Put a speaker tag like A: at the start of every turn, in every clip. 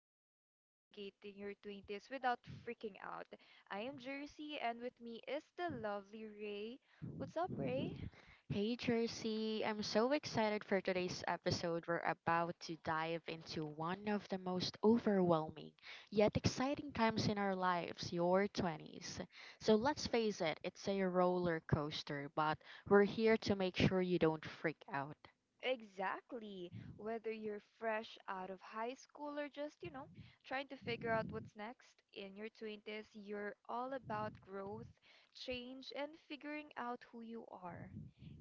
A: episode of Navigating Your 20s Without Freaking Out. I am Jersey, and with me is the lovely Ray. What's up, Ray?
B: Hey Jersey, I'm so excited for today's episode. We're about to dive into one of the most overwhelming yet exciting times in our lives, your 20s. So let's face it, it's a roller coaster, but we're here to make sure you don't freak out.
A: Exactly. Whether you're fresh out of high school or just, trying to figure out what's next in your 20s, you're all about growth, change, and figuring out who you are.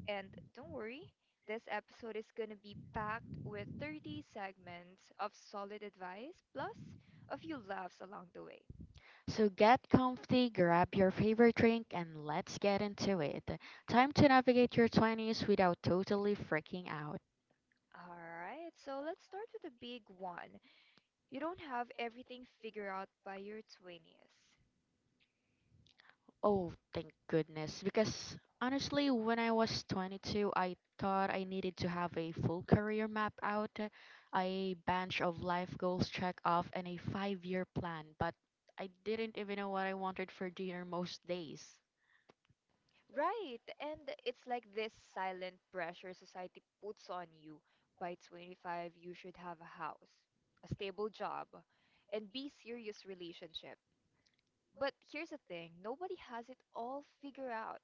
A: And don't worry, this episode is going to be packed with 30 segments of solid advice plus a few laughs along the way.
B: So get comfy, grab your favorite drink, and let's get into it. Time to navigate your 20s without totally freaking out.
A: Alright, so let's start with the big one. You don't have everything figured out by your 20s.
B: Oh, thank goodness. Because honestly, when I was 22, I thought I needed to have a full career map out, a bunch of life goals check off, and a 5 year plan. But I didn't even know what I wanted for dinner most days.
A: Right, and it's like this silent pressure society puts on you. By 25, you should have a house, a stable job, and be serious relationship. But here's the thing, nobody has it all figured out,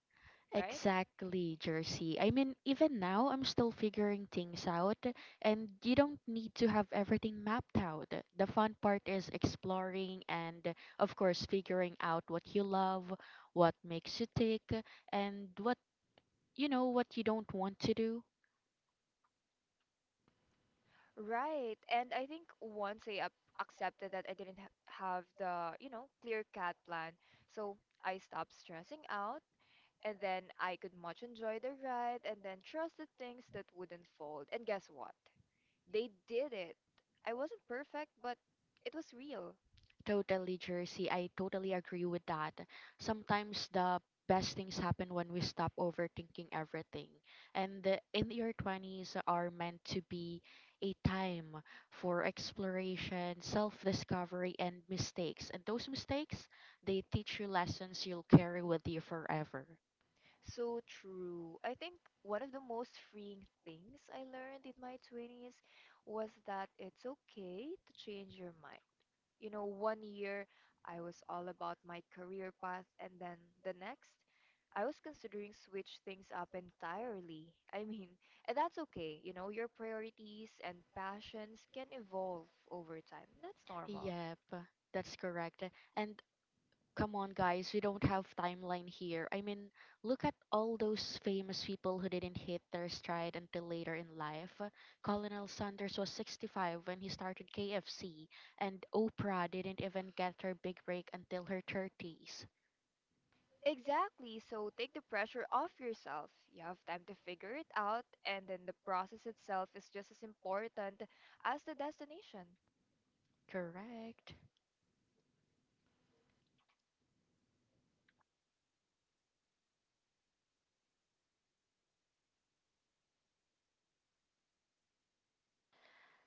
A: right?
B: Exactly, Jersey. I mean, even now, I'm still figuring things out, and you don't need to have everything mapped out. The fun part is exploring and, of course, figuring out what you love, what makes you tick, and what you don't want to do.
A: Right. And I think once I up accepted that I didn't ha have the, clear cut plan, so I stopped stressing out, and then I could much enjoy the ride and then trust the things that would unfold. And guess what? They did it. I wasn't perfect, but it was real.
B: Totally, Jersey. I totally agree with that. Sometimes the best things happen when we stop overthinking everything. In your 20s are meant to be a time for exploration, self-discovery, and mistakes. And those mistakes, they teach you lessons you'll carry with you forever.
A: So true. I think one of the most freeing things I learned in my 20s was that it's okay to change your mind. 1 year I was all about my career path, and then the next, I was considering switch things up entirely. I mean, and that's okay. You know, your priorities and passions can evolve over time. That's normal.
B: Yep, that's correct. And come on, guys, we don't have timeline here. I mean, look at all those famous people who didn't hit their stride until later in life. Colonel Sanders was 65 when he started KFC, and Oprah didn't even get her big break until her 30s.
A: Exactly. So take the pressure off yourself. You have time to figure it out, and then the process itself is just as important as the destination.
B: Correct.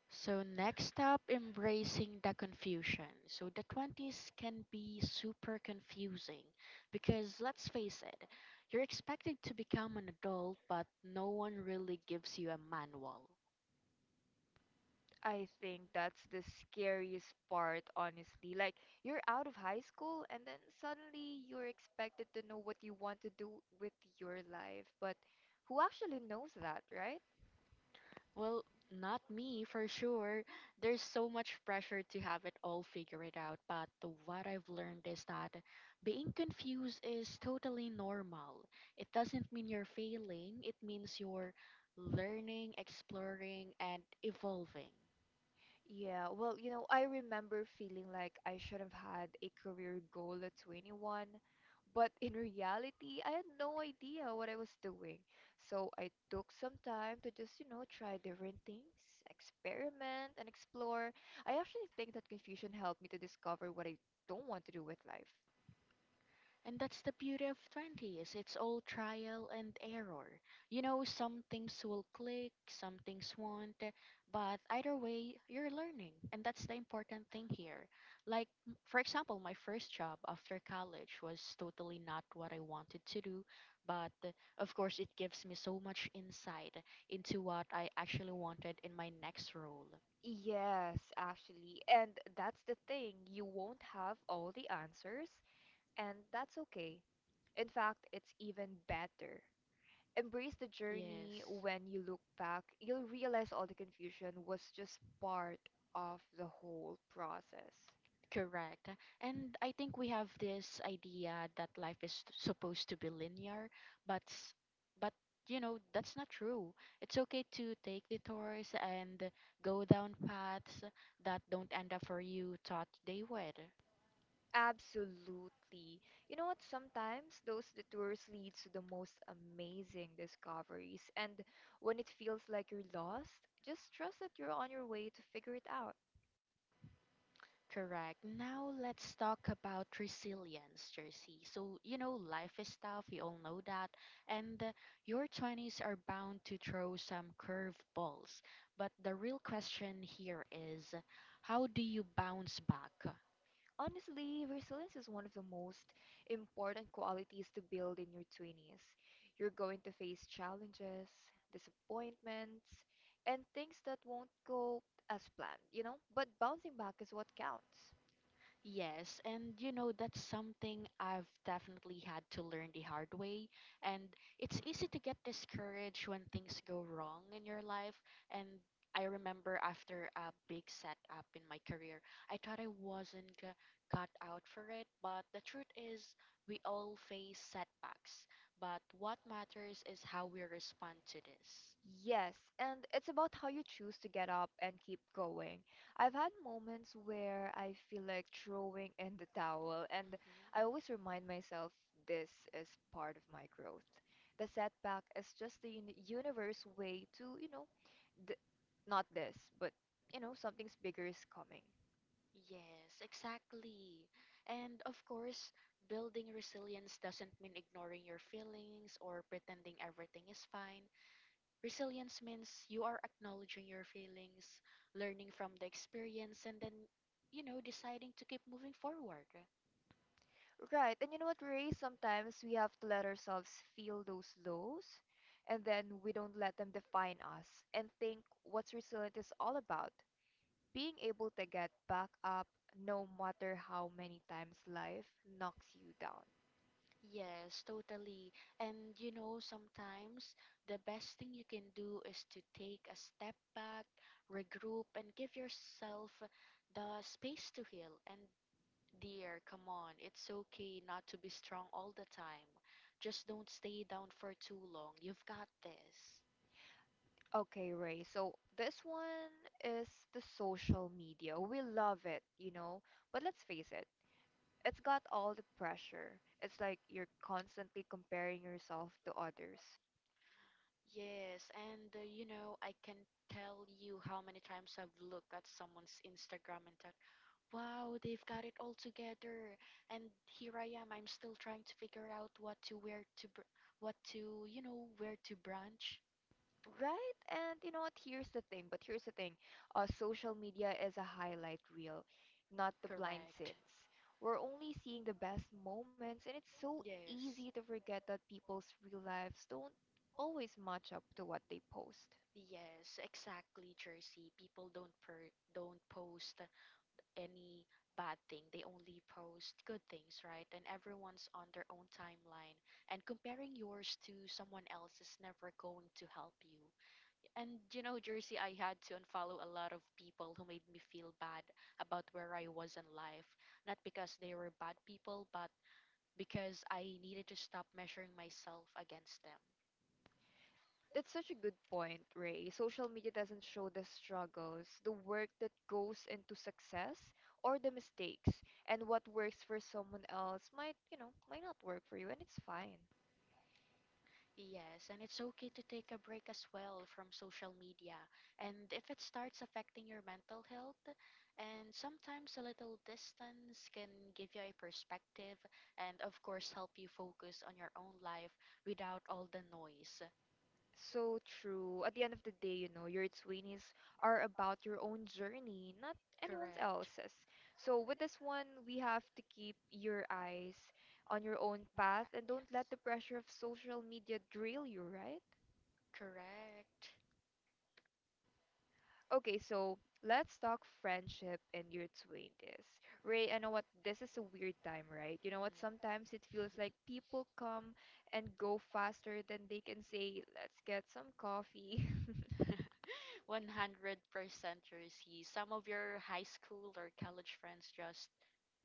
B: So, next up, embracing the confusion. So, the 20s can be super confusing because let's face it, you're expected to become an adult, but no one really gives you a manual.
A: I think that's the scariest part, honestly. Like, you're out of high school, and then suddenly you're expected to know what you want to do with your life. But who actually knows that, right?
B: Well, not me for sure. There's so much pressure to have it all figured out, but what I've learned is that being confused is totally normal. It doesn't mean you're failing, it means you're learning, exploring, and evolving.
A: Yeah, I remember feeling like I should have had a career goal at 21, but in reality, I had no idea what I was doing. So I took some time to just, try different things, experiment, and explore. I actually think that confusion helped me to discover what I don't want to do with life.
B: And that's the beauty of 20s. It's all trial and error. You know, some things will click, some things won't, but either way, you're learning. And that's the important thing here. Like, for example, my first job after college was totally not what I wanted to do, but of course, it gives me so much insight into what I actually wanted in my next role.
A: Yes, actually. And that's the thing, you won't have all the answers, and that's okay. In fact, it's even better embrace the journey.
B: Yes.
A: When you look back, you'll realize all the confusion was just part of the whole process.
B: Correct. And I think we have this idea that life is supposed to be linear, but but you know, that's not true. It's okay to take detours and go down paths that don't end up for you thought they would.
A: Absolutely. You know what Sometimes those detours leads to the most amazing discoveries, and when it feels like you're lost, just trust that you're on your way to figure it out.
B: Correct. Now let's talk about resilience, Jersey. So, you know, life is tough, we all know that. And your 20s are bound to throw some curveballs. But the real question here is how do you bounce back?
A: Honestly, resilience is one of the most important qualities to build in your 20s. You're going to face challenges, disappointments, and things that won't go as planned, you know? But bouncing back is what counts.
B: Yes, and you know, that's something I've definitely had to learn the hard way. And it's easy to get discouraged when things go wrong in your life. And I remember after a big setup in my career, I thought I wasn't g- cut out for it. But the truth is, we all face setbacks. But what matters is how we respond to this.
A: Yes, and it's about how you choose to get up and keep going. I've had moments where I feel like throwing in the towel, and I
B: hmm
A: always remind myself this is part of my growth. The setback is just the universe way to, th not this, but, something's bigger is coming.
B: Yes, exactly. And of course, building resilience doesn't mean ignoring your feelings or pretending everything is fine. Resilience means you are acknowledging your feelings, learning from the experience, and then, you know, deciding to keep moving forward.
A: Right, and you know what, Ray? Sometimes we have to let ourselves feel those lows, and then we don't let them define us and think what's resilience is all about. Being able to get back up no matter how many times life knocks you down.
B: Yes, totally. And you know, sometimes the best thing you can do is to take a step back, regroup, and give yourself the space to heal. And dear, come on. It's okay not to be strong all the time. Just don't stay down for too long. You've got this.
A: Okay, Ray, so this one is the social media. We love it, you know, but let's face it, it's got all the pressure. It's like you're constantly comparing yourself to others.
B: Yes, and you know, I can tell you how many times I've looked at someone's Instagram and thought, wow, they've got it all together. And here I am, I'm still trying to figure out what to wear to, br- what to, you know, where to branch.
A: Right? And you know what? Here's the thing. Social media is a highlight reel, not the blind
B: Correct.
A: sins. We're only seeing the best moments, and it's so
B: Yes.
A: easy to forget that people's real lives don't always match up to what they post.
B: Yes, exactly, Jersey. People don't post any bad thing. They only post good things, right? And everyone's on their own timeline. And comparing yours to someone else is never going to help you. And you know, Jersey, I had to unfollow a lot of people who made me feel bad about where I was in life. Not because they were bad people, but because I needed to stop measuring myself against them.
A: That's such a good point, Ray. Social media doesn't show the struggles, the work that goes into success, or the mistakes. And what works for someone else might, might not work for you, and it's fine.
B: Yes, and it's okay to take a break as well from social media. And if it starts affecting your mental health, and sometimes a little distance can give you a perspective and, of course, help you focus on your own life without all the noise.
A: So true. At the end of the day, you know, your 20s are about your own journey, not anyone
B: Correct. In
A: else's. So with this one, we have to keep your eyes on your own path and don't let the
B: fact,
A: pressure
B: yes.
A: of social media drill you, right?
B: Correct.
A: Okay, so let's talk friendship in your 20s. Ray, I know what this is a weird time, right? You know what? Sometimes it feels
B: Mm.
A: like people come and go faster than they can say, let's get some coffee.
B: 100% Jersey. Some of your high school or college friends just,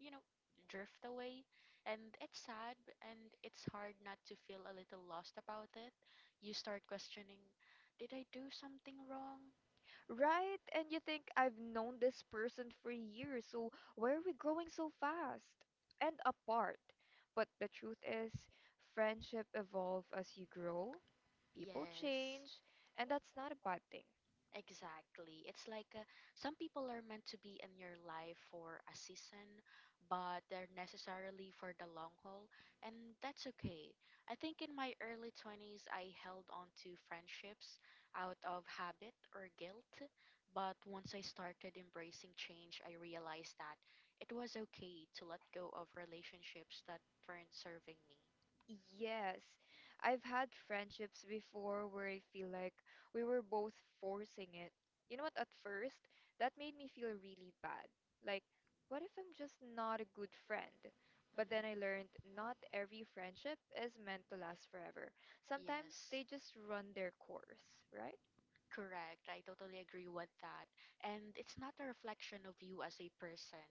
B: you know, drift away. And it's sad and it's hard not to feel a little lost about it. You start questioning, did I do something wrong?
A: Right? And you think I've known this person for years, so why are we growing so fast and apart? But the truth is, friendship evolve as you grow, people
B: Yes.
A: change, and that's not a bad thing.
B: Exactly. It's like some people are meant to be in your life for a season, but they're necessarily for the long haul, and that's okay. I think in my early 20s, I held on to friendships out of habit or guilt, but once I started embracing change, I realized that it was okay to let go of relationships that weren't serving me.
A: Yes, I've had friendships before where I feel like we were both forcing it. You know what, at first, that made me feel really bad. Like, what if I'm just not a good friend? But
B: Mhm.
A: then I learned not every friendship is meant to last forever. Sometimes
B: Yes.
A: they just run their course, right?
B: Correct. I totally agree with that. And it's not a reflection of you as a person.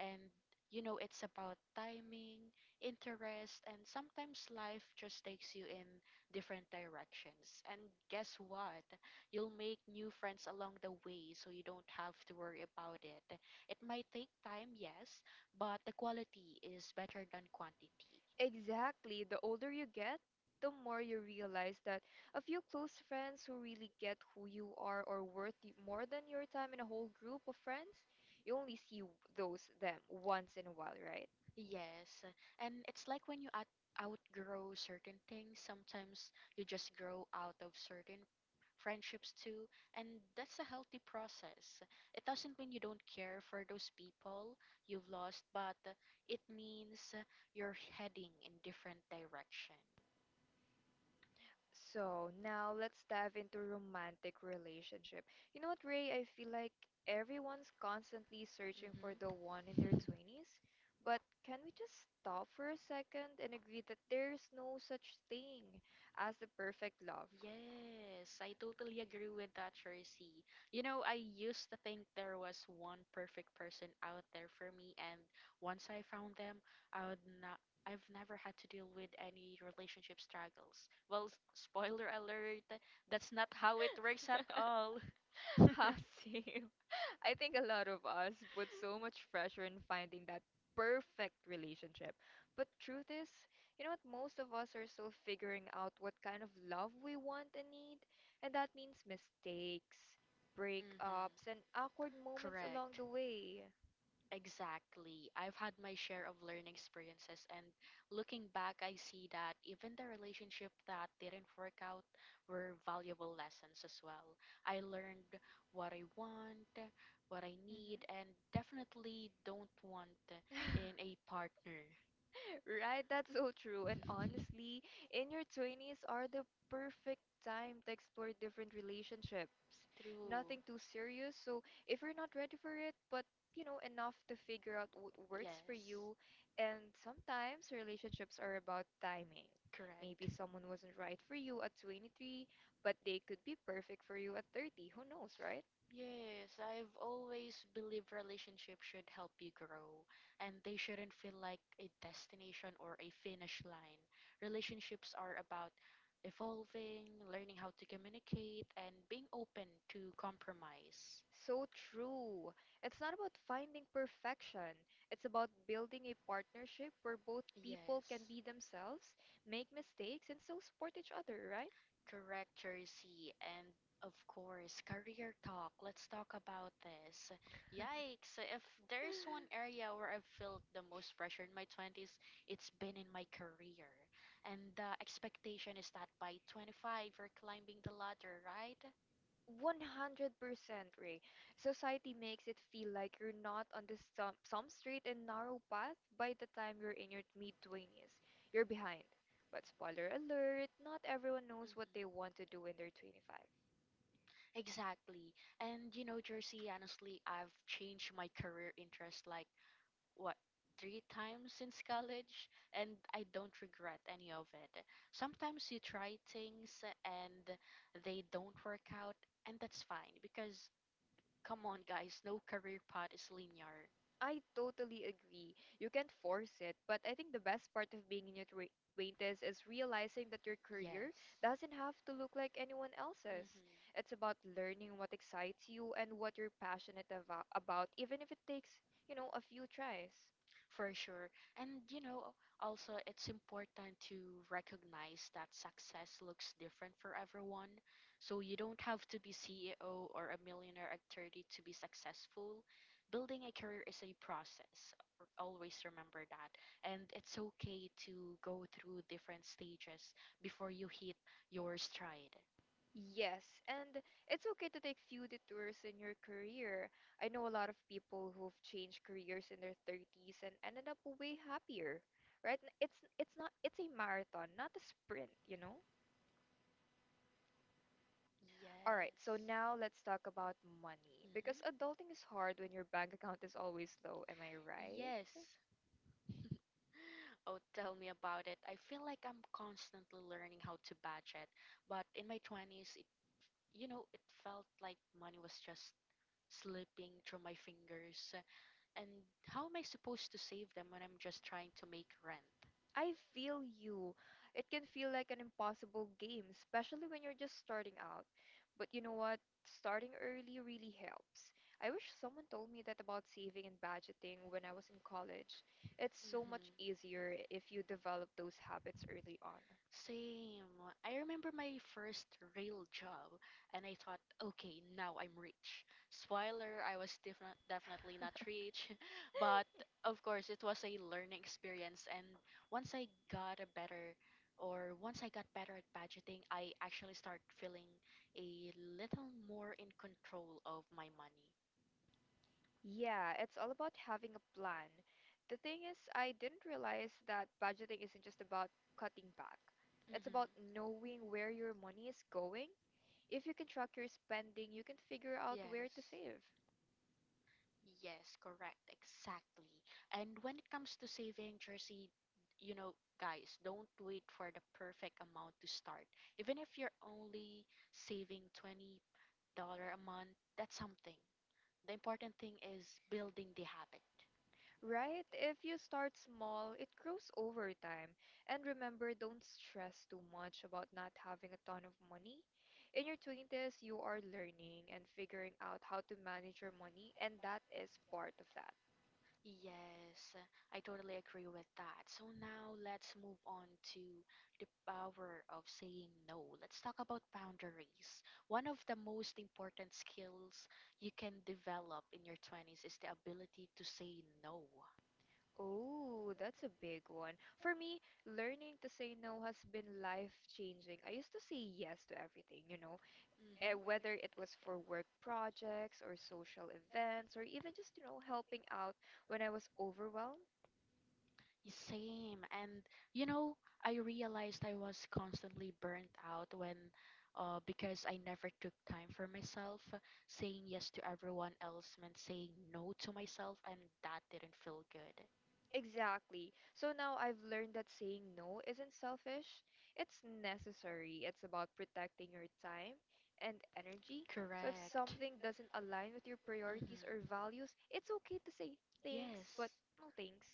B: And, you know, it's about timing, interest, and sometimes life just takes you in different directions. And guess what? You'll make new friends along the way, so you don't have to worry about it. It might take time, yes, but the quality is better than quantity.
A: Exactly. The older you get, the more you realize that a few close friends who really get who you are more than your time in a whole group of friends. You only see those them once in a while, right?
B: Yes, and it's like when you outgrow certain things, sometimes you just grow out of certain friendships too, and that's a healthy process. It doesn't mean you don't care for those people you've lost, but it means you're heading in different direction.
A: So now let's dive into romantic relationship. You know what, Ray? I feel like everyone's constantly searching for the one in
B: Mm-hmm.
A: their 20s, but can we just stop for a second and agree that there's no such thing as the perfect love,
B: Yes, I totally agree with that, Tracy. You know, I used to think there was one perfect person out there for me, and once I found them, I would not. I've never had to deal with any relationship struggles. Well, spoiler alert, that's not how it works at all.
A: Ha,
B: hmm
A: same. I think a lot of us put so much pressure in finding that perfect relationship. But truth is, you know what? Most of us are still figuring out what kind of love we want and need, and that means mistakes, breakups, and awkward moments along
B: Correct.
A: the way.
B: Exactly. I've had my share of learning experiences, and looking back, I see that even the relationship that didn't work out were valuable lessons as well. I learned what I want, what I need, and definitely don't want
A: Hmm.
B: in a partner.
A: Right, that's so true. And honestly, in your 20s are the perfect time to explore different relationships.
B: True.
A: Nothing too serious. So if you're not ready for it, but you know, enough to figure out what works for
B: Yes,
A: you. And sometimes relationships are about timing. Maybe
B: correct.
A: someone wasn't right for you at 23, but they could be perfect for you at 30. Who knows, right?
B: Yes, I've always believed relationships should help you grow and they shouldn't feel like a destination or a finish line. Relationships are about evolving, learning how to communicate, and being open to compromise.
A: So true. It's not about finding perfection. It's about building a partnership where both people can
B: Yes.
A: be themselves, make mistakes, and still support each other, right?
B: Correct, Jersey. And of course, career talk. Let's talk about this. Yikes. So, if there's one area where I've felt the most pressure in my 20s, it's been in my career. And the expectation is that by 25, you're climbing the ladder, right?
A: 100% Ray. Society makes it feel like you're not on this some straight and narrow path by the time you're in your mid-20s. You're behind. But spoiler alert, not everyone
B: Mhm.
A: knows what they want to do when they're 25.
B: Exactly. And you know, Jersey, honestly, I've changed my career interest like what three times since college, and I don't regret any of it. Sometimes you try things and they don't work out, and that's fine because come on guys, no career path is linear.
A: I totally agree. You can't force it, but I think the best part of being in your 20s is realizing that your career
B: Yes.
A: doesn't have to look like anyone else's.
B: hmm
A: It's about learning what excites you and what you're passionate about, even if it takes, a few tries.
B: For sure. And you know, also it's important to recognize that success looks different for everyone. So you don't have to be CEO or a millionaire at 30 to be successful. Building a career is a process. Always remember that. And it's okay to go through different stages before you hit your stride.
A: Yes, and it's okay to take few detours in your career. I know a lot of people who've changed careers in their 30s and ended up way happier, right? It's a marathon, not a sprint, you know? All right,
B: Yes.
A: so now let's talk about money because adulting is hard when your bank account is always low, am I
B: Mhm.
A: right?
B: Yes. Oh, tell me about it. I feel like I'm constantly learning how to budget, but in my 20s, you know, it felt like money was just slipping through my fingers. And how am I supposed to save them when I'm just trying to make rent?
A: I feel you. It can feel like an impossible game, especially when you're just starting out. But you know what? Starting early really helps. I wish someone told me that about saving and budgeting when I was in college. It's so
B: hmm
A: much easier if you develop those habits early on.
B: Same. I remember my first real job, and I thought, okay, now I'm rich. Spoiler, I was definitely not rich, but of course, it was a learning experience. And once I got a better, once I got better at budgeting, I actually start feeling a little more in control of my money.
A: Yeah, it's all about having a plan. The thing is, I didn't realize that budgeting isn't just about cutting back. It's
B: hmm
A: about knowing where your money is going. If you can track your spending, you can figure out where to
B: Yes.
A: save.
B: Yes, correct. Exactly. And when it comes to saving jersey, you know, guys, don't wait for the perfect amount to start. Even if you're only saving $20 a month, that's something. The important thing is building the habit.
A: Right? If you start small, it grows over time. And remember, don't stress too much about not having a ton of money. In your 20s, you are learning and figuring out how to manage your money, and that is part of that.
B: Yes, I totally agree with that. So now let's move on to the power of saying no. Let's talk about boundaries. One of the most important skills you can develop in your 20s is the ability to say no.
A: Oh, that's a big one. For me, learning to say no has been life-changing. I used to say yes to everything, whether
B: hmm
A: it was for work projects or social events or even just, helping out when I was overwhelmed.
B: Same. And you know, I realized I was constantly burnt out when because I never took time for myself. Saying yes to everyone else meant saying no to myself, and that didn't feel good.
A: Exactly. So now I've learned that saying no isn't selfish. It's necessary. It's about protecting your time and energy. So if
B: Correct.
A: something doesn't align with your priorities or
B: Mm-hmm.
A: values, it's okay to say thanks,
B: Yes.
A: but no thanks.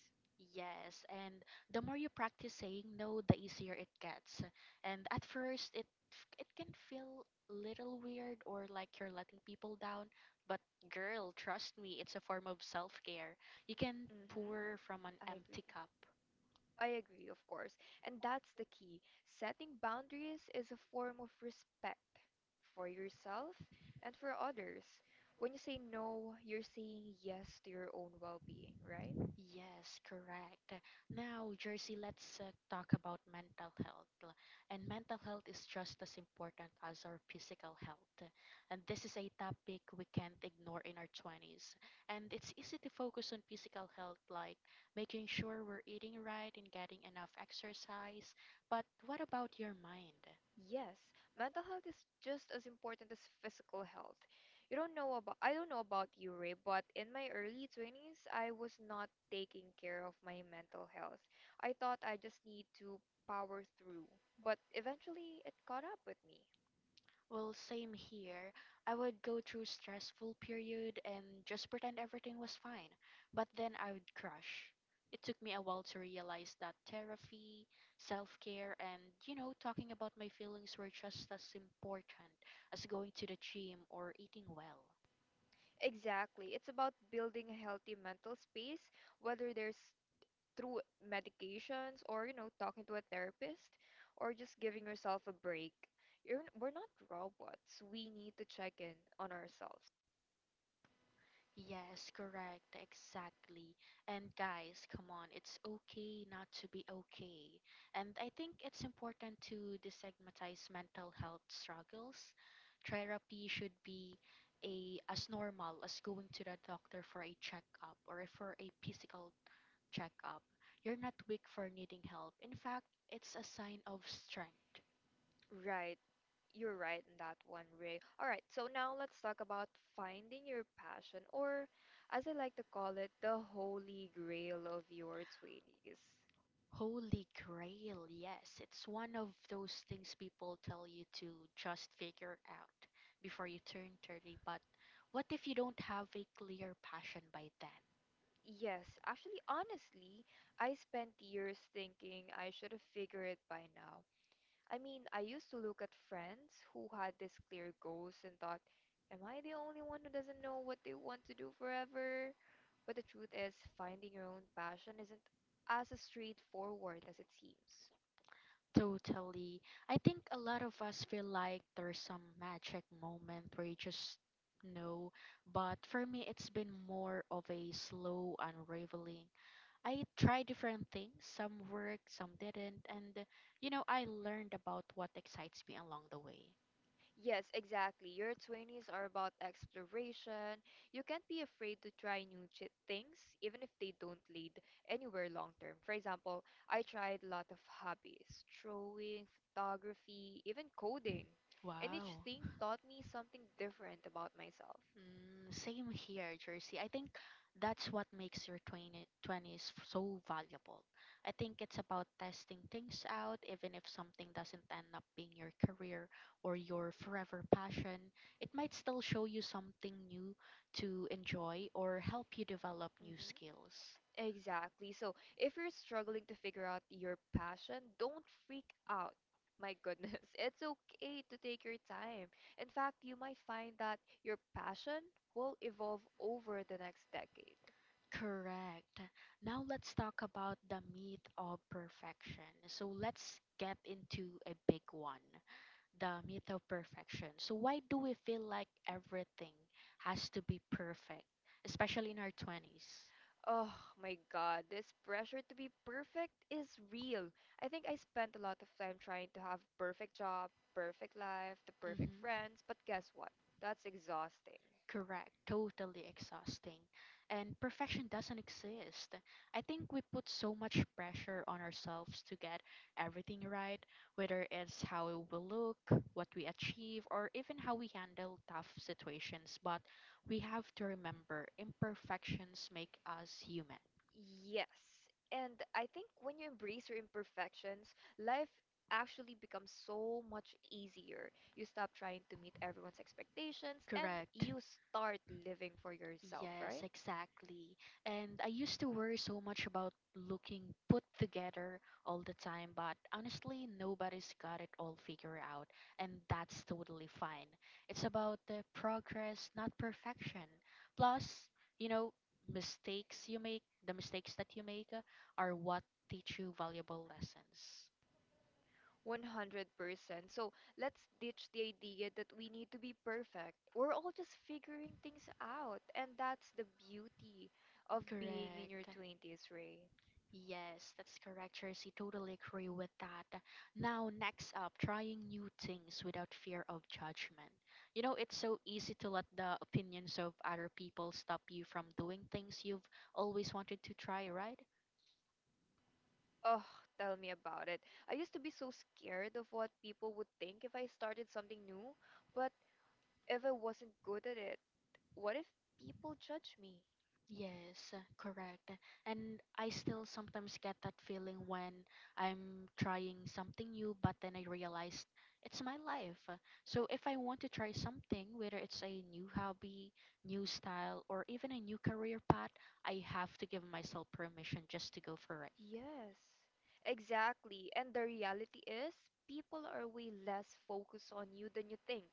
B: Yes, and the more you practice saying no, the easier it gets. And at first, it can feel little weird or like you're letting people down, but girl, trust me, it's a form of self-care. You can pour
A: Mm-hmm.
B: from an
A: I agree.
B: empty cup.
A: I agree, of course. And that's the key. Setting boundaries is a form of respect for yourself and for others. When you say no, you're saying yes to your own well being, right?
B: Yes, correct. Now, Jersey, let's talk about mental health. And mental health is just as important as our physical health. And this is a topic we can't ignore in our 20s. And it's easy to focus on physical health, like making sure we're eating right and getting enough exercise. But what about your mind?
A: Yes, mental health is just as important as physical health. You don't know about I don't know about you, Ray, but in my early 20s, I was not taking care of my mental health. I thought I just need to power through, but eventually it caught up with me.
B: Well, same here. I would go through stressful period and just pretend everything was fine, but then I would crash. It took me a while to realize that therapy, self-care, and you know, talking about my feelings were just as important as going to the gym or eating well.
A: Exactly. It's about building a healthy mental space, whether there's through medications or talking to a therapist or just giving yourself a break. We're not robots. We need to check in on ourselves.
B: Yes, correct, exactly. And guys, come on, it's okay not to be okay. And I think it's important to destigmatize mental health struggles. Therapy should be a as normal as going to the doctor for a checkup or for a physical checkup. You're not weak for needing help. In fact, it's a sign of strength.
A: Right. You're right in that one, Ray. All right, so now let's talk about finding your passion, or as I like to call it, the holy grail of your 20s.
B: Holy grail, yes. It's one of those things people tell you to just figure out before you turn 30, but what if you don't have a clear passion by then?
A: Yes, actually, honestly, I spent years thinking I should have figured it by now. I mean, I used to look at friends who had these clear goals and thought, am I the only one who doesn't know what they want to do forever? But the truth is, finding your own passion isn't as straightforward as it seems.
B: Totally. I think a lot of us feel like there's some magic moment where you just know, but for me, it's been more of a slow unraveling. I tried different things, some worked, some didn't, and you know, I learned about what excites me along the way.
A: Yes, exactly. Your 20s are about exploration. You can't be afraid to try things, even if they don't lead anywhere long term. For example, I tried a lot of hobbies, drawing, photography, even coding. And each
B: Wow.
A: thing taught me something different about myself.
B: Mm, same here, Jersey. I think that's what makes your so valuable. I think it's about testing things out, even if something doesn't end up being your career or your forever passion. It might still show you something new to enjoy or help you develop new skills.
A: Exactly. So, if you're struggling to figure out your passion, don't freak out. My goodness, it's okay to take your time. In fact, you might find that your passion will evolve over the next decade.
B: Correct. Now let's talk about the myth of perfection. So let's get into a big one, the myth of perfection. So, why do we feel like everything has to be perfect, especially in our 20s?
A: Oh my God, this pressure to be perfect is real. I think I spent a lot of time trying to have perfect job, perfect life, the perfect
B: Hmm
A: friends, but guess what? That's exhausting.
B: Correct, totally exhausting. And perfection doesn't exist. I think we put so much pressure on ourselves to get everything right, whether it's how we look, what we achieve, or even how we handle tough situations. But we have to remember imperfections make us human.
A: Yes. And I think when you embrace your imperfections, life actually becomes so much easier. You stop trying to meet everyone's expectations and
B: Correct.
A: you start living for yourself,
B: Yes,
A: right?
B: exactly. And I used to worry so much about looking put together all the time, but honestly, nobody's got it all figured out, and that's totally fine. It's about the progress, not perfection. Plus, you know, the mistakes that you make are what teach you valuable lessons.
A: 100%. So let's ditch the idea that we need to be perfect. We're all just figuring things out. And that's the beauty of being in your
B: Correct.
A: 20s, Ray.
B: Yes, that's correct, Tracy. Totally agree with that. Now, next up, trying new things without fear of judgment. You know, it's so easy to let the opinions of other people stop you from doing things you've always wanted to try, right?
A: Oh, tell me about it. I used to be so scared of what people would think if I started something new, but if I wasn't good at it, what if people judge me?
B: Yes, correct. And I still sometimes get that feeling when I'm trying something new, but then I realized it's my life. So if I want to try something, whether it's a new hobby, new style, or even a new career path, I have to give myself permission just to go for it.
A: Yes, exactly. And the reality is, people are way less focused on you than you think.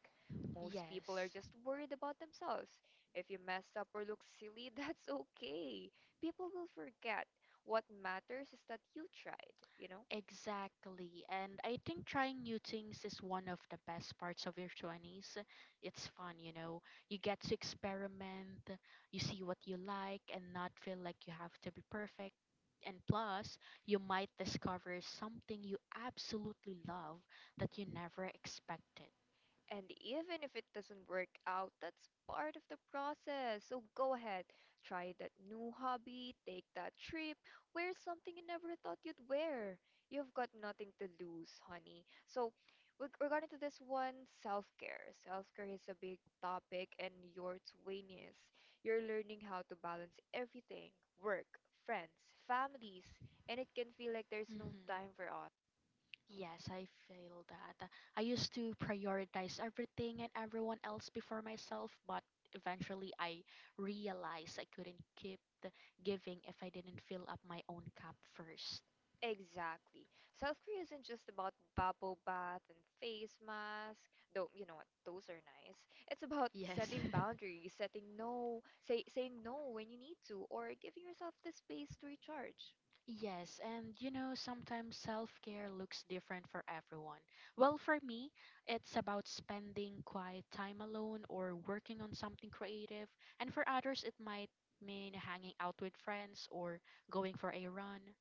A: Most people are
B: Yes.
A: just worried about themselves. If you mess up or look silly, that's okay. People will forget. What matters is that you tried, you know?
B: Exactly. And I think trying new things is one of the best parts of your 20s. It's fun, you know. You get to experiment, you see what you like, and not feel like you have to be perfect. And plus, you might discover something you absolutely love that you never expected.
A: And even if it doesn't work out, that's part of the process. So go ahead, try that new hobby, take that trip, wear something you never thought you'd wear. You've got nothing to lose, honey. So, with regarding to this one, self care. Self care is a big topic, and your 20s. You're learning how to balance everything: work, friends, families, and it can feel like there's no
B: Hmm
A: time for.
B: Yes, I feel that. I used to prioritize everything and everyone else before myself, but eventually I realized I couldn't keep the giving if I didn't fill up my own cup first.
A: Exactly. Self care isn't just about bubble bath and face mask, though you know what, those are nice. It's about
B: Yes.
A: setting boundaries, setting no, say saying no when you need to, or giving yourself the space to recharge.
B: Yes, and you know, sometimes self care looks different for everyone. Well, for me, it's about spending quiet time alone or working on something creative. And for others, it might mean hanging out with friends or going for a run.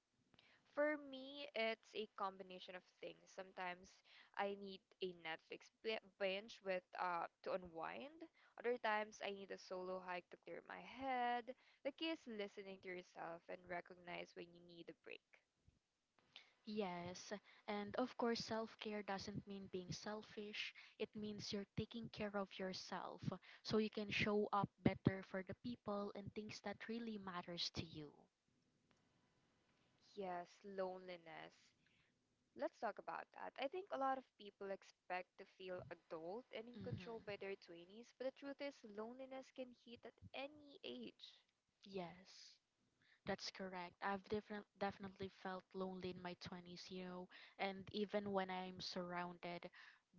A: For me, it's a combination of things. Sometimes I need a binge with to unwind. Other times I need a solo hike to clear my head. The key is listening to yourself and recognize when you need a break.
B: Yes, and of course, self care doesn't mean being selfish, it means you're taking care of yourself so you can show up better for the people and things that really matters to you.
A: Yes, loneliness. Let's talk about that. I think a lot of people expect to feel adult and in
B: Mm-hmm.
A: control by their 20s, but the truth is, loneliness can hit at any age.
B: Yes. That's correct. Definitely felt lonely in my 20s, you know, and even when I'm surrounded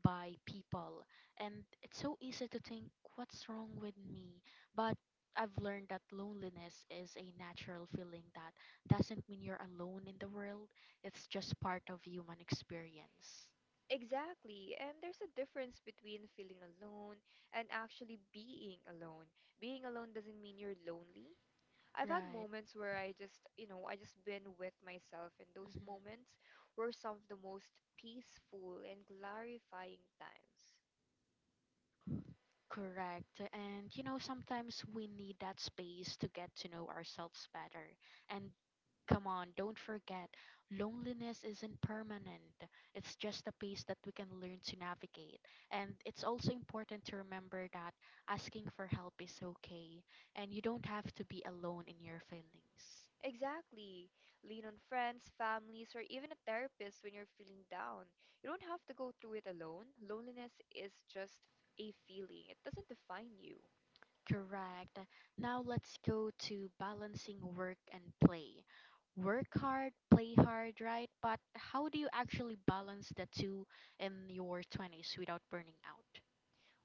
B: by people. And it's so easy to think, what's wrong with me? But I've learned that loneliness is a natural feeling that doesn't mean you're alone in the world, it's just part of human experience.
A: Exactly, and there's a difference between feeling alone and actually being alone. Being alone doesn't mean you're lonely. I've had
B: Right.
A: moments where I just been with myself, and those
B: hmm
A: moments were some of the most peaceful and clarifying times.
B: Correct. And you know, sometimes we need that space to get to know ourselves better. And come on, don't forget, loneliness isn't permanent. It's just a pace that we can learn to navigate. And it's also important to remember that asking for help is okay, and you don't have to be alone in your feelings.
A: Exactly. Lean on friends, families, or even a therapist when you're feeling down. You don't have to go through it alone. Loneliness is just a feeling, it doesn't define you.
B: Correct. Now let's go to balancing work and play. Work hard, play hard, right? But how do you actually balance the two in your 20s without burning out?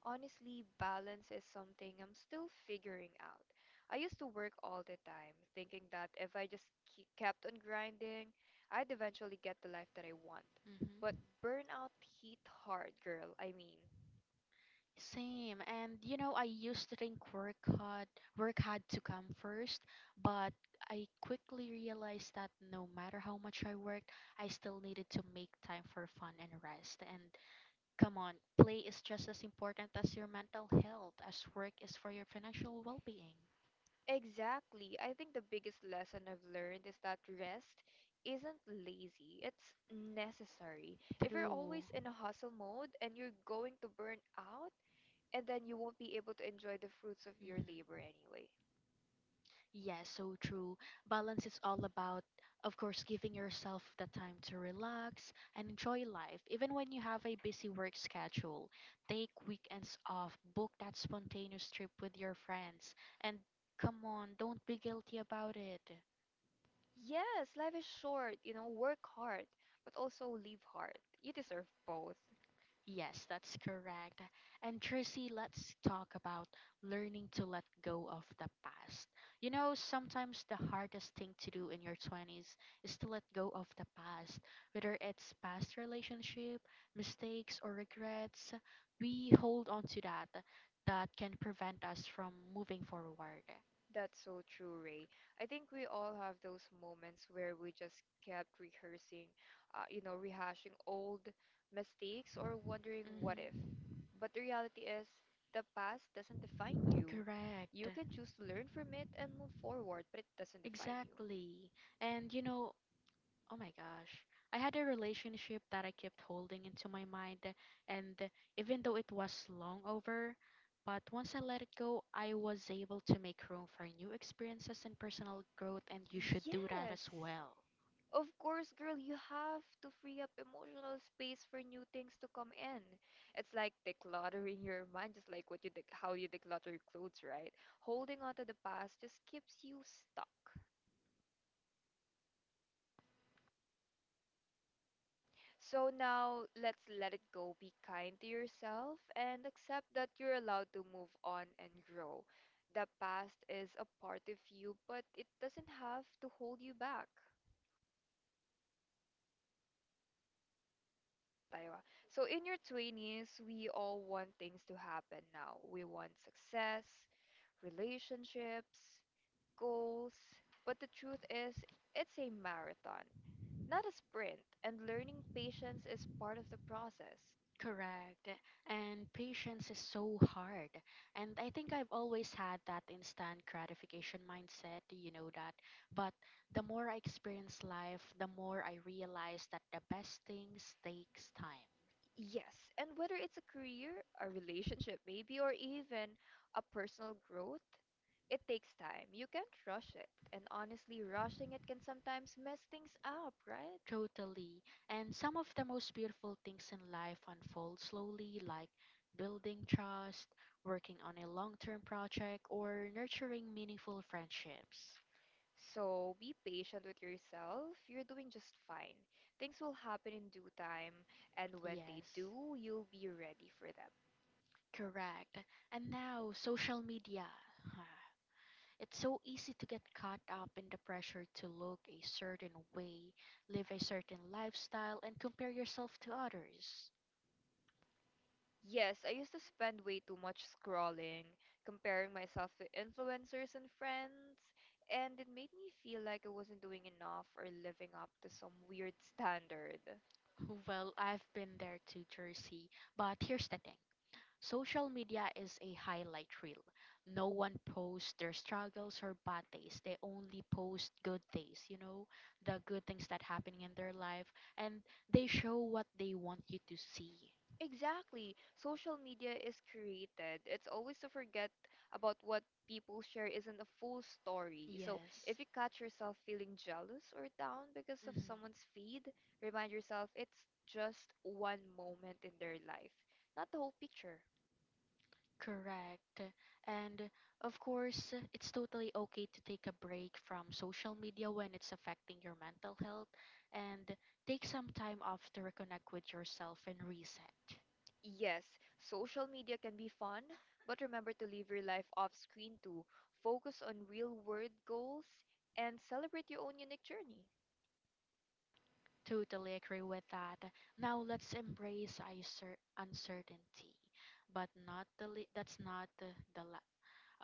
A: Honestly, balance is something I'm still figuring out. I used to work all the time, thinking that if I just kept on grinding, I'd eventually get the life that I want.
B: Hmm
A: But burnout hit hard, girl. I mean,
B: Same. And you know, I used to think work hard to come first, but I quickly realized that no matter how much I worked, I still needed to make time for fun and rest. And come on, play is just as important as your mental health as work is for your financial well being.
A: exactly. I think the biggest lesson I've learned is that rest isn't lazy, it's necessary. If you're
B: True.
A: always in a hustle mode and you're going to burn out, and then you won't be able to enjoy the fruits of your
B: Hmm
A: labor anyway.
B: Yes, so true. Balance is all about, of course, giving yourself the time to relax and enjoy life, even when you have a busy work schedule. Take weekends off, book that spontaneous trip with your friends, and come on, don't be guilty about it.
A: Yes, life is short, you know, work hard, but also live hard. You deserve both.
B: Yes, that's correct. And Tracy, let's talk about learning to let go of the past. You know, sometimes the hardest thing to do in your 20s is to let go of the past, whether it's past relationship, mistakes, or regrets. We hold on to that can prevent us from moving forward.
A: That's so true, Ray. I think we all have those moments where we just kept rehearsing, rehashing old mistakes or wondering
B: Mhm.
A: what if. But the reality is, the past doesn't define you.
B: Correct.
A: You can choose to learn from it and move forward, but it doesn't define you.
B: Exactly. And you know, oh my gosh, I had a relationship that I kept holding into my mind, and even though it was long over, but once I let it go, I was able to make room for new experiences and personal growth, and you should do that
A: Yes.
B: as well.
A: Of course, girl, you have to free up emotional space for new things to come in. It's like decluttering your mind, just like what you dec how you declutter your clothes, right? Holding on to the past just keeps you stuck. So now let's let it go. Be kind to yourself and accept that you're allowed to move on and grow. The past is a part of you, but it doesn't have to hold you back. Taiwa. So in your 20s, we all want things to happen now. We want success, relationships, goals, but the truth is, it's a marathon, not a sprint, and learning patience is part of the process.
B: Correct. And patience is so hard. And I think I've always had that instant gratification mindset, you know that. But the more I experience life, the more I realize that the best things takes time.
A: Yes, and whether it's a career, a relationship maybe, or even a personal growth, it takes time. You can't rush it. And honestly, rushing it can sometimes mess things up, right?
B: Totally. And some of the most beautiful things in life unfold slowly, like building trust, working on a long term project, or nurturing meaningful friendships.
A: So be patient with yourself. You're doing just fine. Things will happen in due time, and when they
B: Yes,
A: do, you'll be ready for them.
B: correct. And now, social media. Huh. It's so easy to get caught up in the pressure to look a certain way, live a certain lifestyle, and compare yourself to others.
A: Yes, I used to spend way too much scrolling, comparing myself to influencers and friends, and it made me feel like I wasn't doing enough or living up to some weird standard.
B: Well, I've been there too, Jersey. But here's the thing. Social media is a highlight reel. No one posts their struggles or bad days. They only post good things, you know, the good things that happening in their life and they show what they want you to see.
A: Exactly. Social media is curated. It's always to forget about what people share isn't a full story. So
B: Yes.
A: if you catch yourself feeling jealous or down because of
B: Mhm.
A: someone's feed, remind yourself it's just one moment in their life, not the whole picture.
B: Correct. And of course, it's totally okay to take a break from social media when it's affecting your mental health and take some time off to reconnect with yourself and reset.
A: Yes, social media can be fun, but remember to live your life off screen too. Focus on real world goals and celebrate your own unique journey.
B: Totally agree with that. Now let's embrace uncertainty, but not the le- that's not the, the la-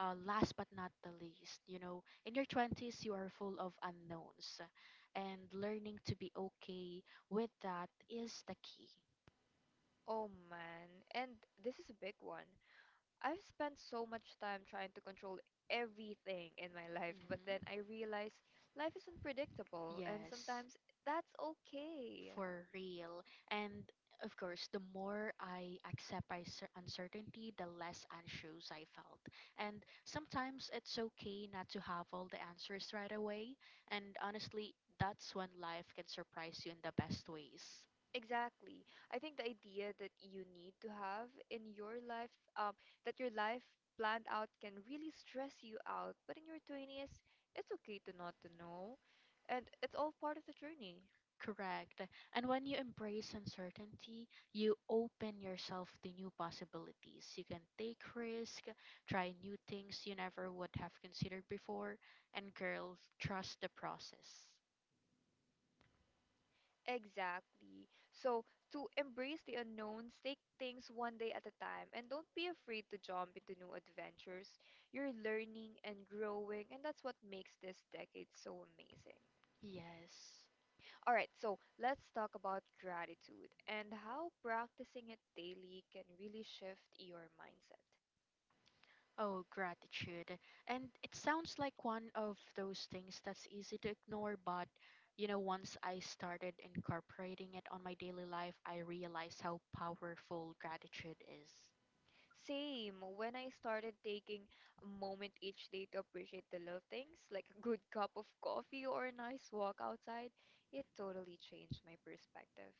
B: last but not the least. You know, in your 20s, you are full of unknowns, and learning to be okay with that is the key.
A: Oh man, and this is a big one. I've spent so much time trying to control everything in my life, but
B: Mhm.
A: then I realize life is unpredictable, and
B: Yes,
A: sometimes that's okay.
B: for real. And of course, the more I accept my uncertainty, the less anxious I felt. And sometimes it's okay not to have all the answers right away. And honestly, that's when life can surprise you in the best ways.
A: Exactly. I think the idea that you need to have in your life, um, that your life planned out can really stress you out, but in your 20s, it's okay to not to know, and it's all part of the journey.
B: Correct. And when you embrace uncertainty, you open yourself to new possibilities. You can take risk, try new things you never would have considered before, and girls, trust the process.
A: Exactly. So, to embrace the unknowns, take things one day at a time and don't be afraid to jump into new adventures. You're learning and growing, and that's what makes this decade so amazing.
B: Yes.
A: All right, so let's talk about gratitude and how practicing it daily can really shift your mindset.
B: Oh, gratitude. And it sounds like one of those things that's easy to ignore, but you know, once I started incorporating it on my daily life, I realized how powerful gratitude is.
A: Same. When I started taking a moment each day to appreciate the little things, like a good cup of coffee or a nice walk outside, it totally changed my perspective.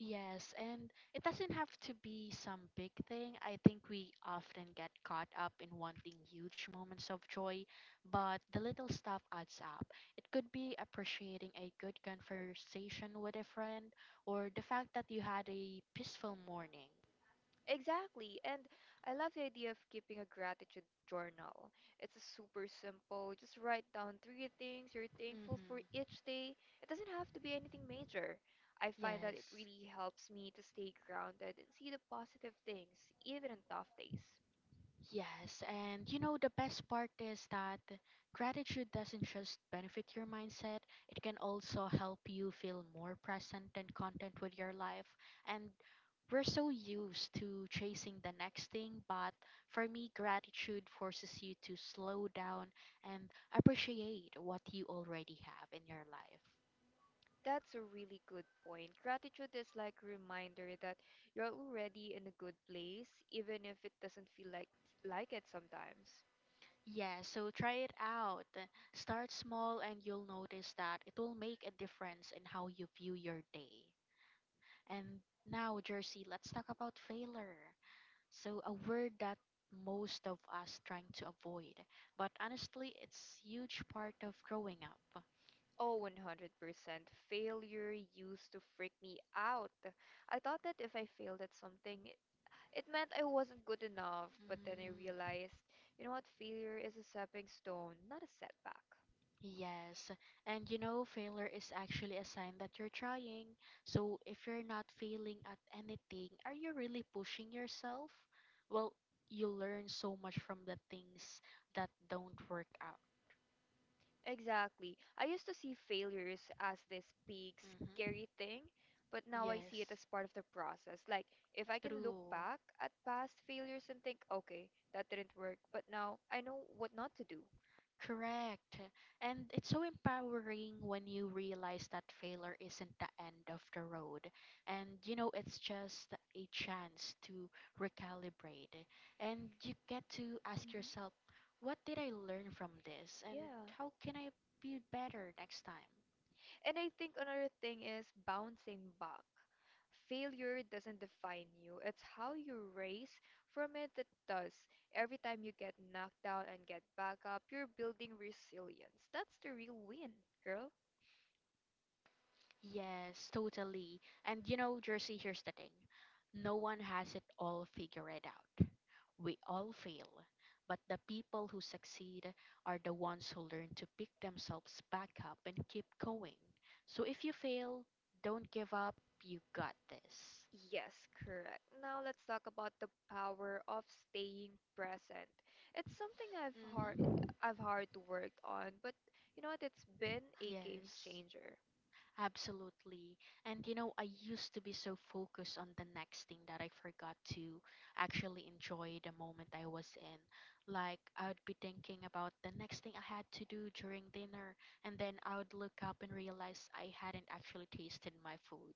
B: Yes, and it doesn't have to be some big thing. I think we often get caught up in wanting huge moments of joy, but the little stuff adds up. It could be appreciating a good conversation with a friend or the fact that you had a peaceful morning.
A: Exactly. And I love the idea of keeping a gratitude journal. It's super simple. Just write down 3 things you're thankful for
B: Mhm.
A: each day. It doesn't have to be anything major. I find that it
B: Yes.
A: really helps me to stay grounded and see the positive things, even on tough days.
B: Yes, and you know, the best part is that gratitude doesn't just benefit your mindset, it can also help you feel more present and content with your life. And we're so used to chasing the next thing, but for me, gratitude forces you to slow down and appreciate what you already have in your life.
A: That's a really good point. Gratitude is like a reminder that you're already in a good place, even if it doesn't feel like it sometimes.
B: Yeah, so try it out. Start small, and you'll notice that it will make a difference in how you view your day. And now, Jersey, let's talk about failure. So, a word that most of us trying to avoid, but honestly, it's huge part of growing up.
A: Oh, 100%. Failure used to freak me out. I thought that if I failed at something, it meant I wasn't good enough, but then I
B: Mm.
A: realized, you know what, failure is a stepping stone, not a setback.
B: Yes, and you know, failure is actually a sign that you're trying. So, if you're not failing at anything, are you really pushing yourself? Well, you learn so much from the things that don't work out.
A: Exactly. I used to see failures as this big,
B: Mm-hmm.
A: scary thing, but now I see it
B: Yes.
A: as part of the process. Like, if I can look
B: True.
A: back at past failures and think, okay, that didn't work, but now I know what not to do.
B: Correct. And it's so empowering when you realize that failure isn't the end of the road. And, you know, it's just a chance to recalibrate. And you get to ask
A: Hmm.
B: yourself, what did I learn from this? And
A: Yeah.
B: how can I be better next time?
A: And I think another thing is bouncing back. Failure doesn't define you, it's how you raise from it that does. Every time you get knocked down and get back up, you're building resilience. That's the real win, girl.
B: Yes, totally. And you know, Jersey, here's the thing. No one has it all figured out. We all fail, but the people who succeed are the ones who learn to pick themselves back up and keep going. So if you fail, don't give up. You got this.
A: Yes, correct. Now let's talk about the power of staying present. It's something
B: Mm-hmm.
A: I've hard to work on, but you know what? It's been a game
B: Yes.
A: changer.
B: Absolutely. And you know, I used to be so focused on the next thing that I forgot to actually enjoy the moment I was in. Like, I would be thinking about the next thing I had to do during dinner, and then I would look up and realize I hadn't actually tasted my food.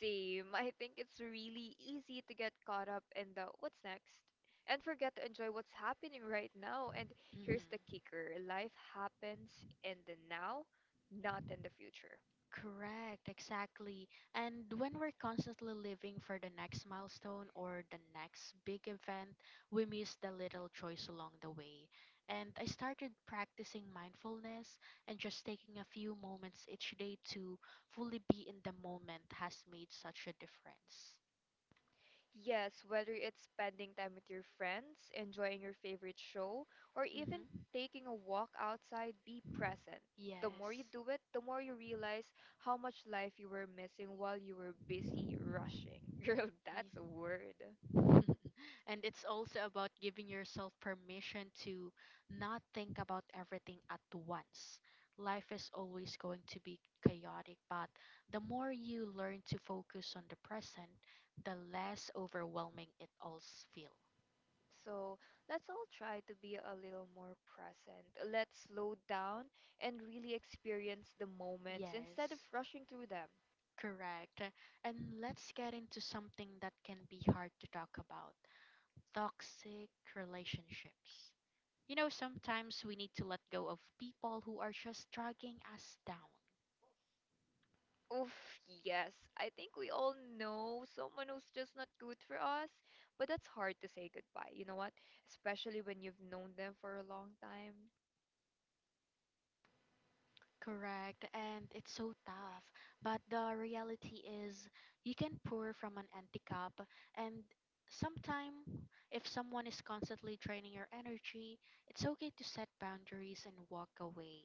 A: Same. I think it's really easy to get caught up in the what's next and forget to enjoy what's happening right now. And
B: Hmm.
A: here's the kicker: life happens in the now, not in the future.
B: Correct, exactly. And when we're constantly living for the next milestone or the next big event, we miss the little joys along the way. And I started practicing mindfulness and just taking a few moments each day to fully be in the moment has made such a difference.
A: Yes, whether it's spending time with your friends, enjoying your favorite show, or
B: Hmm.
A: even taking a walk outside, be present. The more you
B: Yes.
A: do it, the more you realize how much life you were missing while you were busy rushing. Girl, that's a word.
B: And it's also about giving yourself permission to not think about everything at once. Life is always going to be chaotic, but the more you learn to focus on the present, the less overwhelming it all feel.
A: So let's all try to be a little more present. Let's slow down and really experience the moments instead of
B: Yes.
A: rushing through them.
B: Correct. And let's get into something that can be hard to talk about toxic relationships. You know, sometimes we need to let go of people who are just dragging us down.
A: Oof, yes. I think we all know someone who's just not good for us, but that's hard to say goodbye. You know what? Especially when you've known them for a long time.
B: Correct, and it's so tough. But the reality is, you can pour from an empty cup, and sometime, if someone is constantly draining your energy, it's okay to set boundaries and walk away.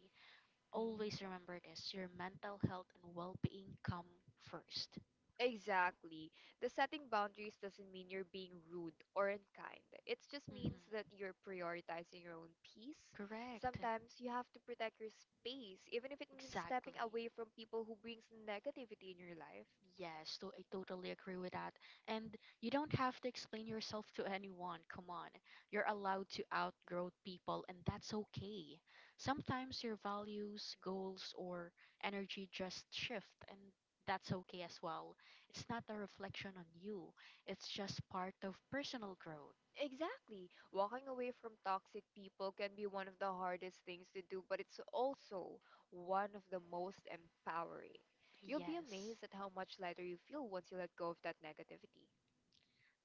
A: Mhm.
B: Always remember this your mental health and well being come first.
A: Exactly. The setting boundaries doesn't mean you're being rude or unkind. It just
B: Hmm.
A: means that you're prioritizing your own peace.
B: Correct,
A: Sometimes you have to protect your space, even if it means
B: exactly.
A: stepping away from people who brings negativity in your life.
B: Yes, to, I totally agree with that. And you don't have to explain yourself to anyone. Come on. You're allowed to outgrow people, and that's okay. Sometimes your values, goals, or energy just shift, and that's okay as well. It's not a reflection on you, it's just part of personal growth.
A: Exactly. Walking away from toxic people can be one of the hardest things to do, but it's also one of the most empowering. You'll be
B: Yes.
A: amazed at how much lighter you feel once you let go of that negativity.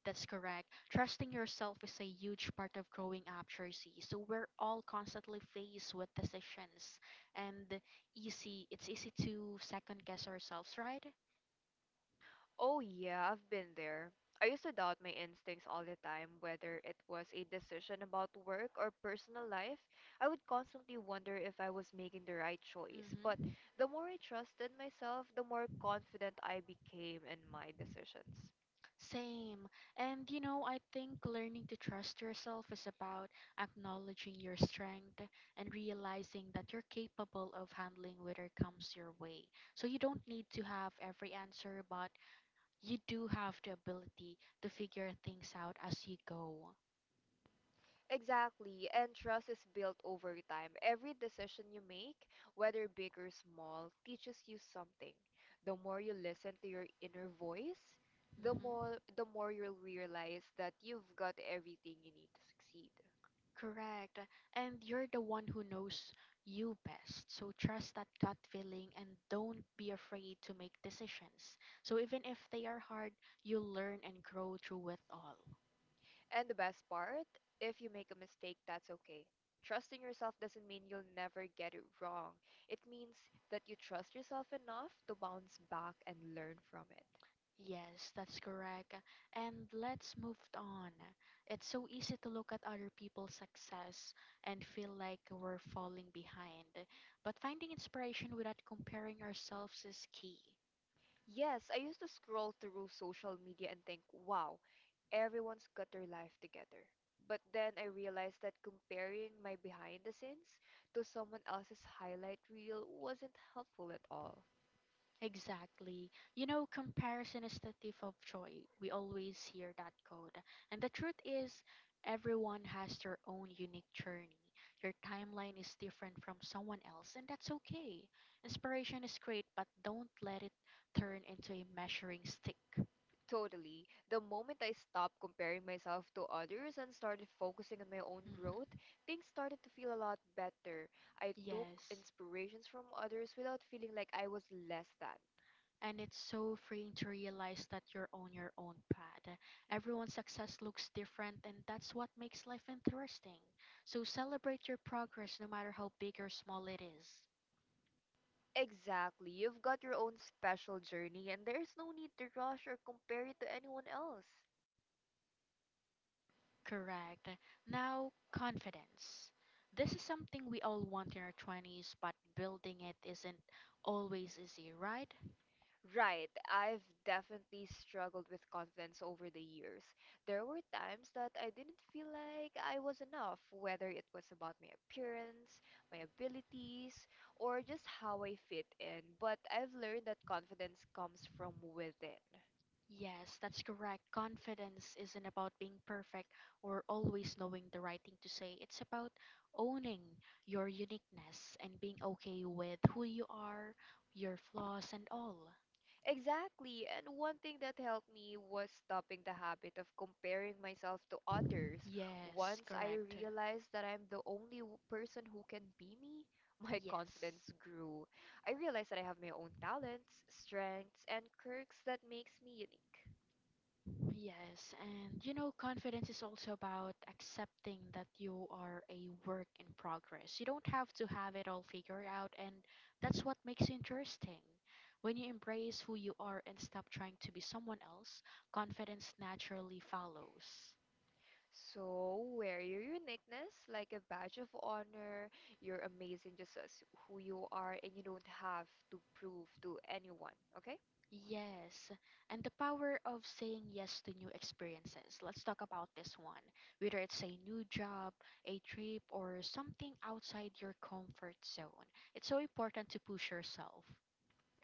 B: That's correct. Trusting yourself is a huge part of growing up, Jersey. So we're all constantly faced with decisions, and easy. It's easy to second guess ourselves, right?
A: Oh, yeah, I've been there. I used to doubt my instincts all the time, whether it was a decision about work or personal life. I would constantly wonder if I was making the right choice. But
B: Mm-hmm.
A: the more I trusted myself, the more confident I became in my decisions.
B: Same. And you know, I think learning to trust yourself is about acknowledging your strength and realizing that you're capable of handling whatever comes your way. So you don't need to have every answer, but you do have the ability to figure things out as you go.
A: Exactly, and trust is built over time. Every decision you make, whether big or small, teaches you something. The more you listen to your inner voice, the
B: Mm-hmm.
A: more the more you'll realize that you've got everything you need to succeed.
B: Correct. And you're the one who knows you best. So trust that gut feeling and don't be afraid to make decisions. So even if they are hard, you learn and grow through it all.
A: And the best part, if you make a mistake, that's okay. Trusting yourself doesn't mean you'll never get it wrong. It means that you trust yourself enough to bounce back and learn from it.
B: Yes, that's correct. And let's move on. It's so easy to look at other people's success and feel like we're falling behind. But finding inspiration without comparing ourselves is key.
A: Yes, I used to scroll through social media and think, wow, everyone's got their life together. But then I realized that comparing my behind the scenes to someone else's highlight reel wasn't helpful at all.
B: Exactly. You know, comparison is the thief of joy. We always hear that quote. And the truth is, everyone has their own unique journey. Your timeline is different from someone else, and that's okay. Inspiration is great, but don't let it turn into a measuring stick.
A: Totally. The moment I stopped comparing myself to others and started focusing on my own growth,
B: Hmm.
A: things started to feel a lot better. I took
B: Yes.
A: inspirations from others without feeling like I was less than.
B: And it's so freeing to realize that you're on your own path. Everyone's success looks different, and that's what makes life interesting. So celebrate your progress no matter how big or small it is.
A: Exactly. You've got your own special journey, and there's no need to rush or compare it to anyone else.
B: Correct. Now, confidence. This is something we all want in our 20s, but building it isn't always easy, right?
A: Right. I've definitely struggled with confidence over the years. There were times that I didn't feel like I was enough, whether it was about my appearance, my abilities, or just how I fit in. But I've learned that confidence comes from within.
B: Yes, that's correct. Confidence isn't about being perfect or always knowing the right thing to say. It's about owning your uniqueness and being okay with who you are, your flaws, and all.
A: Exactly. And one thing that helped me was stopping the habit of comparing myself to others.
B: Yes,
A: Once I
B: correct.
A: realized that I'm the only person who can be me, my
B: Yes.
A: confidence grew. I realized that I have my own talents, strengths, and quirks that makes me unique.
B: Yes, and you know, confidence is also about accepting that you are a work in progress. You don't have to have it all figured out, and that's what makes it interesting. When you embrace who you are and stop trying to be someone else, confidence naturally follows.
A: So wear your uniqueness like a badge of honor. You're amazing just as who you are and you don't have to prove to anyone, okay?
B: Yes, and the power of saying yes to new experiences. Let's talk about this one. Whether it's a new job, a trip, or something outside your comfort zone, it's so important to push yourself.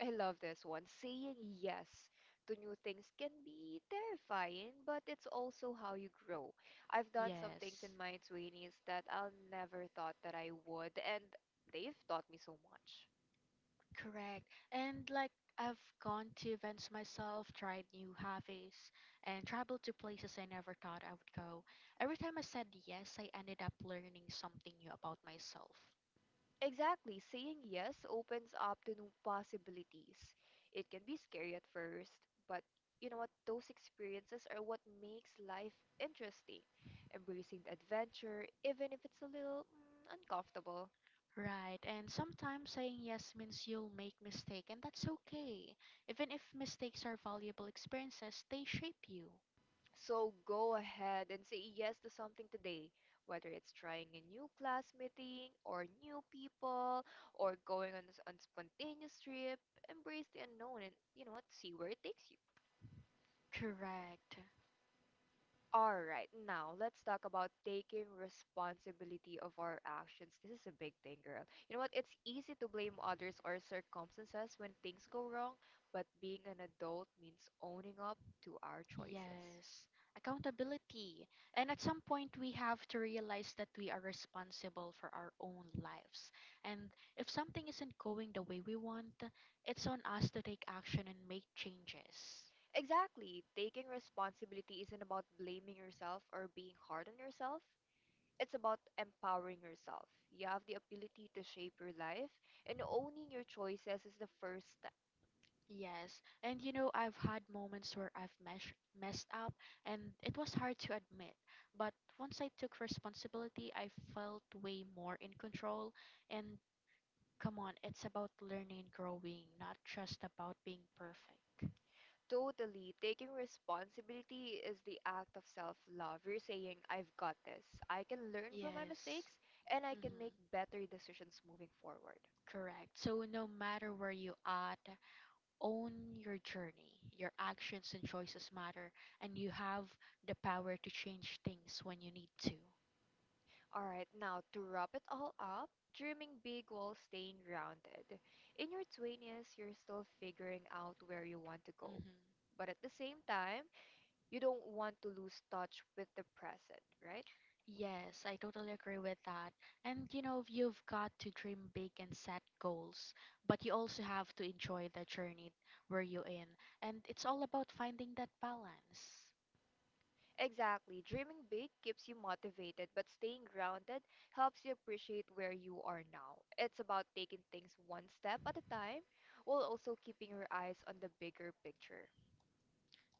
A: I love this one. Saying yes to new things can be terrifying, but it's also how you grow. I've done some things
B: Yes,
A: in my 20s that I'll never thought that I would, and they've taught me so much.
B: correct. And like I've gone to events myself, tried new hobbies, and traveled to places I never thought I would go. Every time I said yes, I ended up learning something new about myself.
A: Exactly, saying yes opens up to new possibilities. It can be scary at first, but you know what? Those experiences are what makes life interesting. Embracing the adventure, even if it's a little uncomfortable.
B: Right, and sometimes saying yes means you'll make mistakes, and that's okay. Even if mistakes are valuable experiences, they shape you.
A: So go ahead and say yes to something today, whether it's trying a new class meeting or new people or going on a spontaneous trip. Embrace the unknown and, you know what, see where it takes you.
B: Correct.
A: All right, now let's talk about taking responsibility of our actions. This is a big thing, girl. You know what? It's easy to blame others or circumstances when things go wrong, but being an adult means owning up to our choices.
B: Yes, accountability. And at some point, we have to realize that we are responsible for our own lives. And if something isn't going the way we want, it's on us to take action and make changes.
A: Exactly. Taking responsibility isn't about blaming yourself or being hard on yourself. It's about empowering yourself. You have the ability to shape your life, and owning your choices is the first step.
B: Yes, and you know, I've had moments where I've messed up, and it was hard to admit. But once I took responsibility, I felt way more in control. And come on, it's about learning and growing, not just about being perfect.
A: Totally. Taking responsibility is the act of self love. You're saying, I've got this. I can learn from my
B: Yes.
A: mistakes, and I
B: Mm-hmm.
A: can make better decisions moving forward.
B: Correct. So no matter where you are, own your journey. Your actions and choices matter, and you have the power to change things when you need to.
A: All right, now to wrap it all up, dreaming big while staying grounded. In your 20s, you're still figuring out where you want to go.
B: Mm-hmm.
A: But at the same time, you don't want to lose touch with the present, right?
B: Yes, I totally agree with that. And you know, you've got to dream big and set goals, but you also have to enjoy the journey where you're in. And it's all about finding that balance.
A: Exactly. Dreaming big keeps you motivated, but staying grounded helps you appreciate where you are now. It's about taking things one step at a time, while also keeping your eyes on the bigger picture.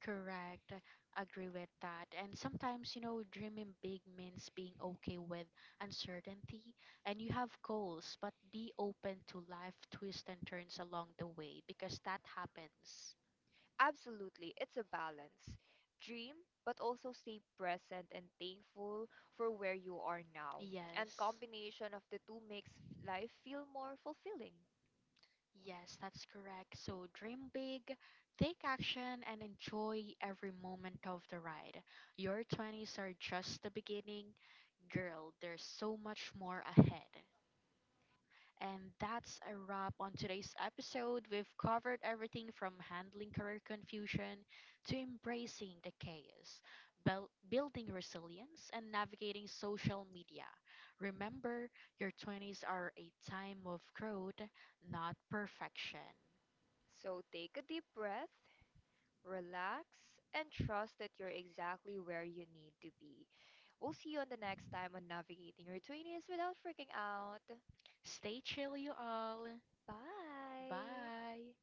B: Correct. Agree with that. And sometimes, you know, dreaming big means being okay with uncertainty and you have goals, but be open to life twists and turns along the way because that happens.
A: Absolutely, it's a balance. Dream, but also stay present and thankful for where you are now. And
B: Yes.
A: combination of the two makes life feel more fulfilling.
B: Yes, that's correct. So dream big, take action, and enjoy every moment of the ride. Your 20s are just the beginning. Girl, there's so much more ahead. And that's a wrap on today's episode. We've covered everything from handling career confusion to embracing the chaos, building resilience, and navigating social media. Remember, your 20s are a time of growth, not perfection.
A: So take a deep breath, relax, and trust that you're exactly where you need to be. We'll see you on the next time on Navigating Your 20s without freaking out.
B: Stay chill, you all.
A: Bye!
B: Bye.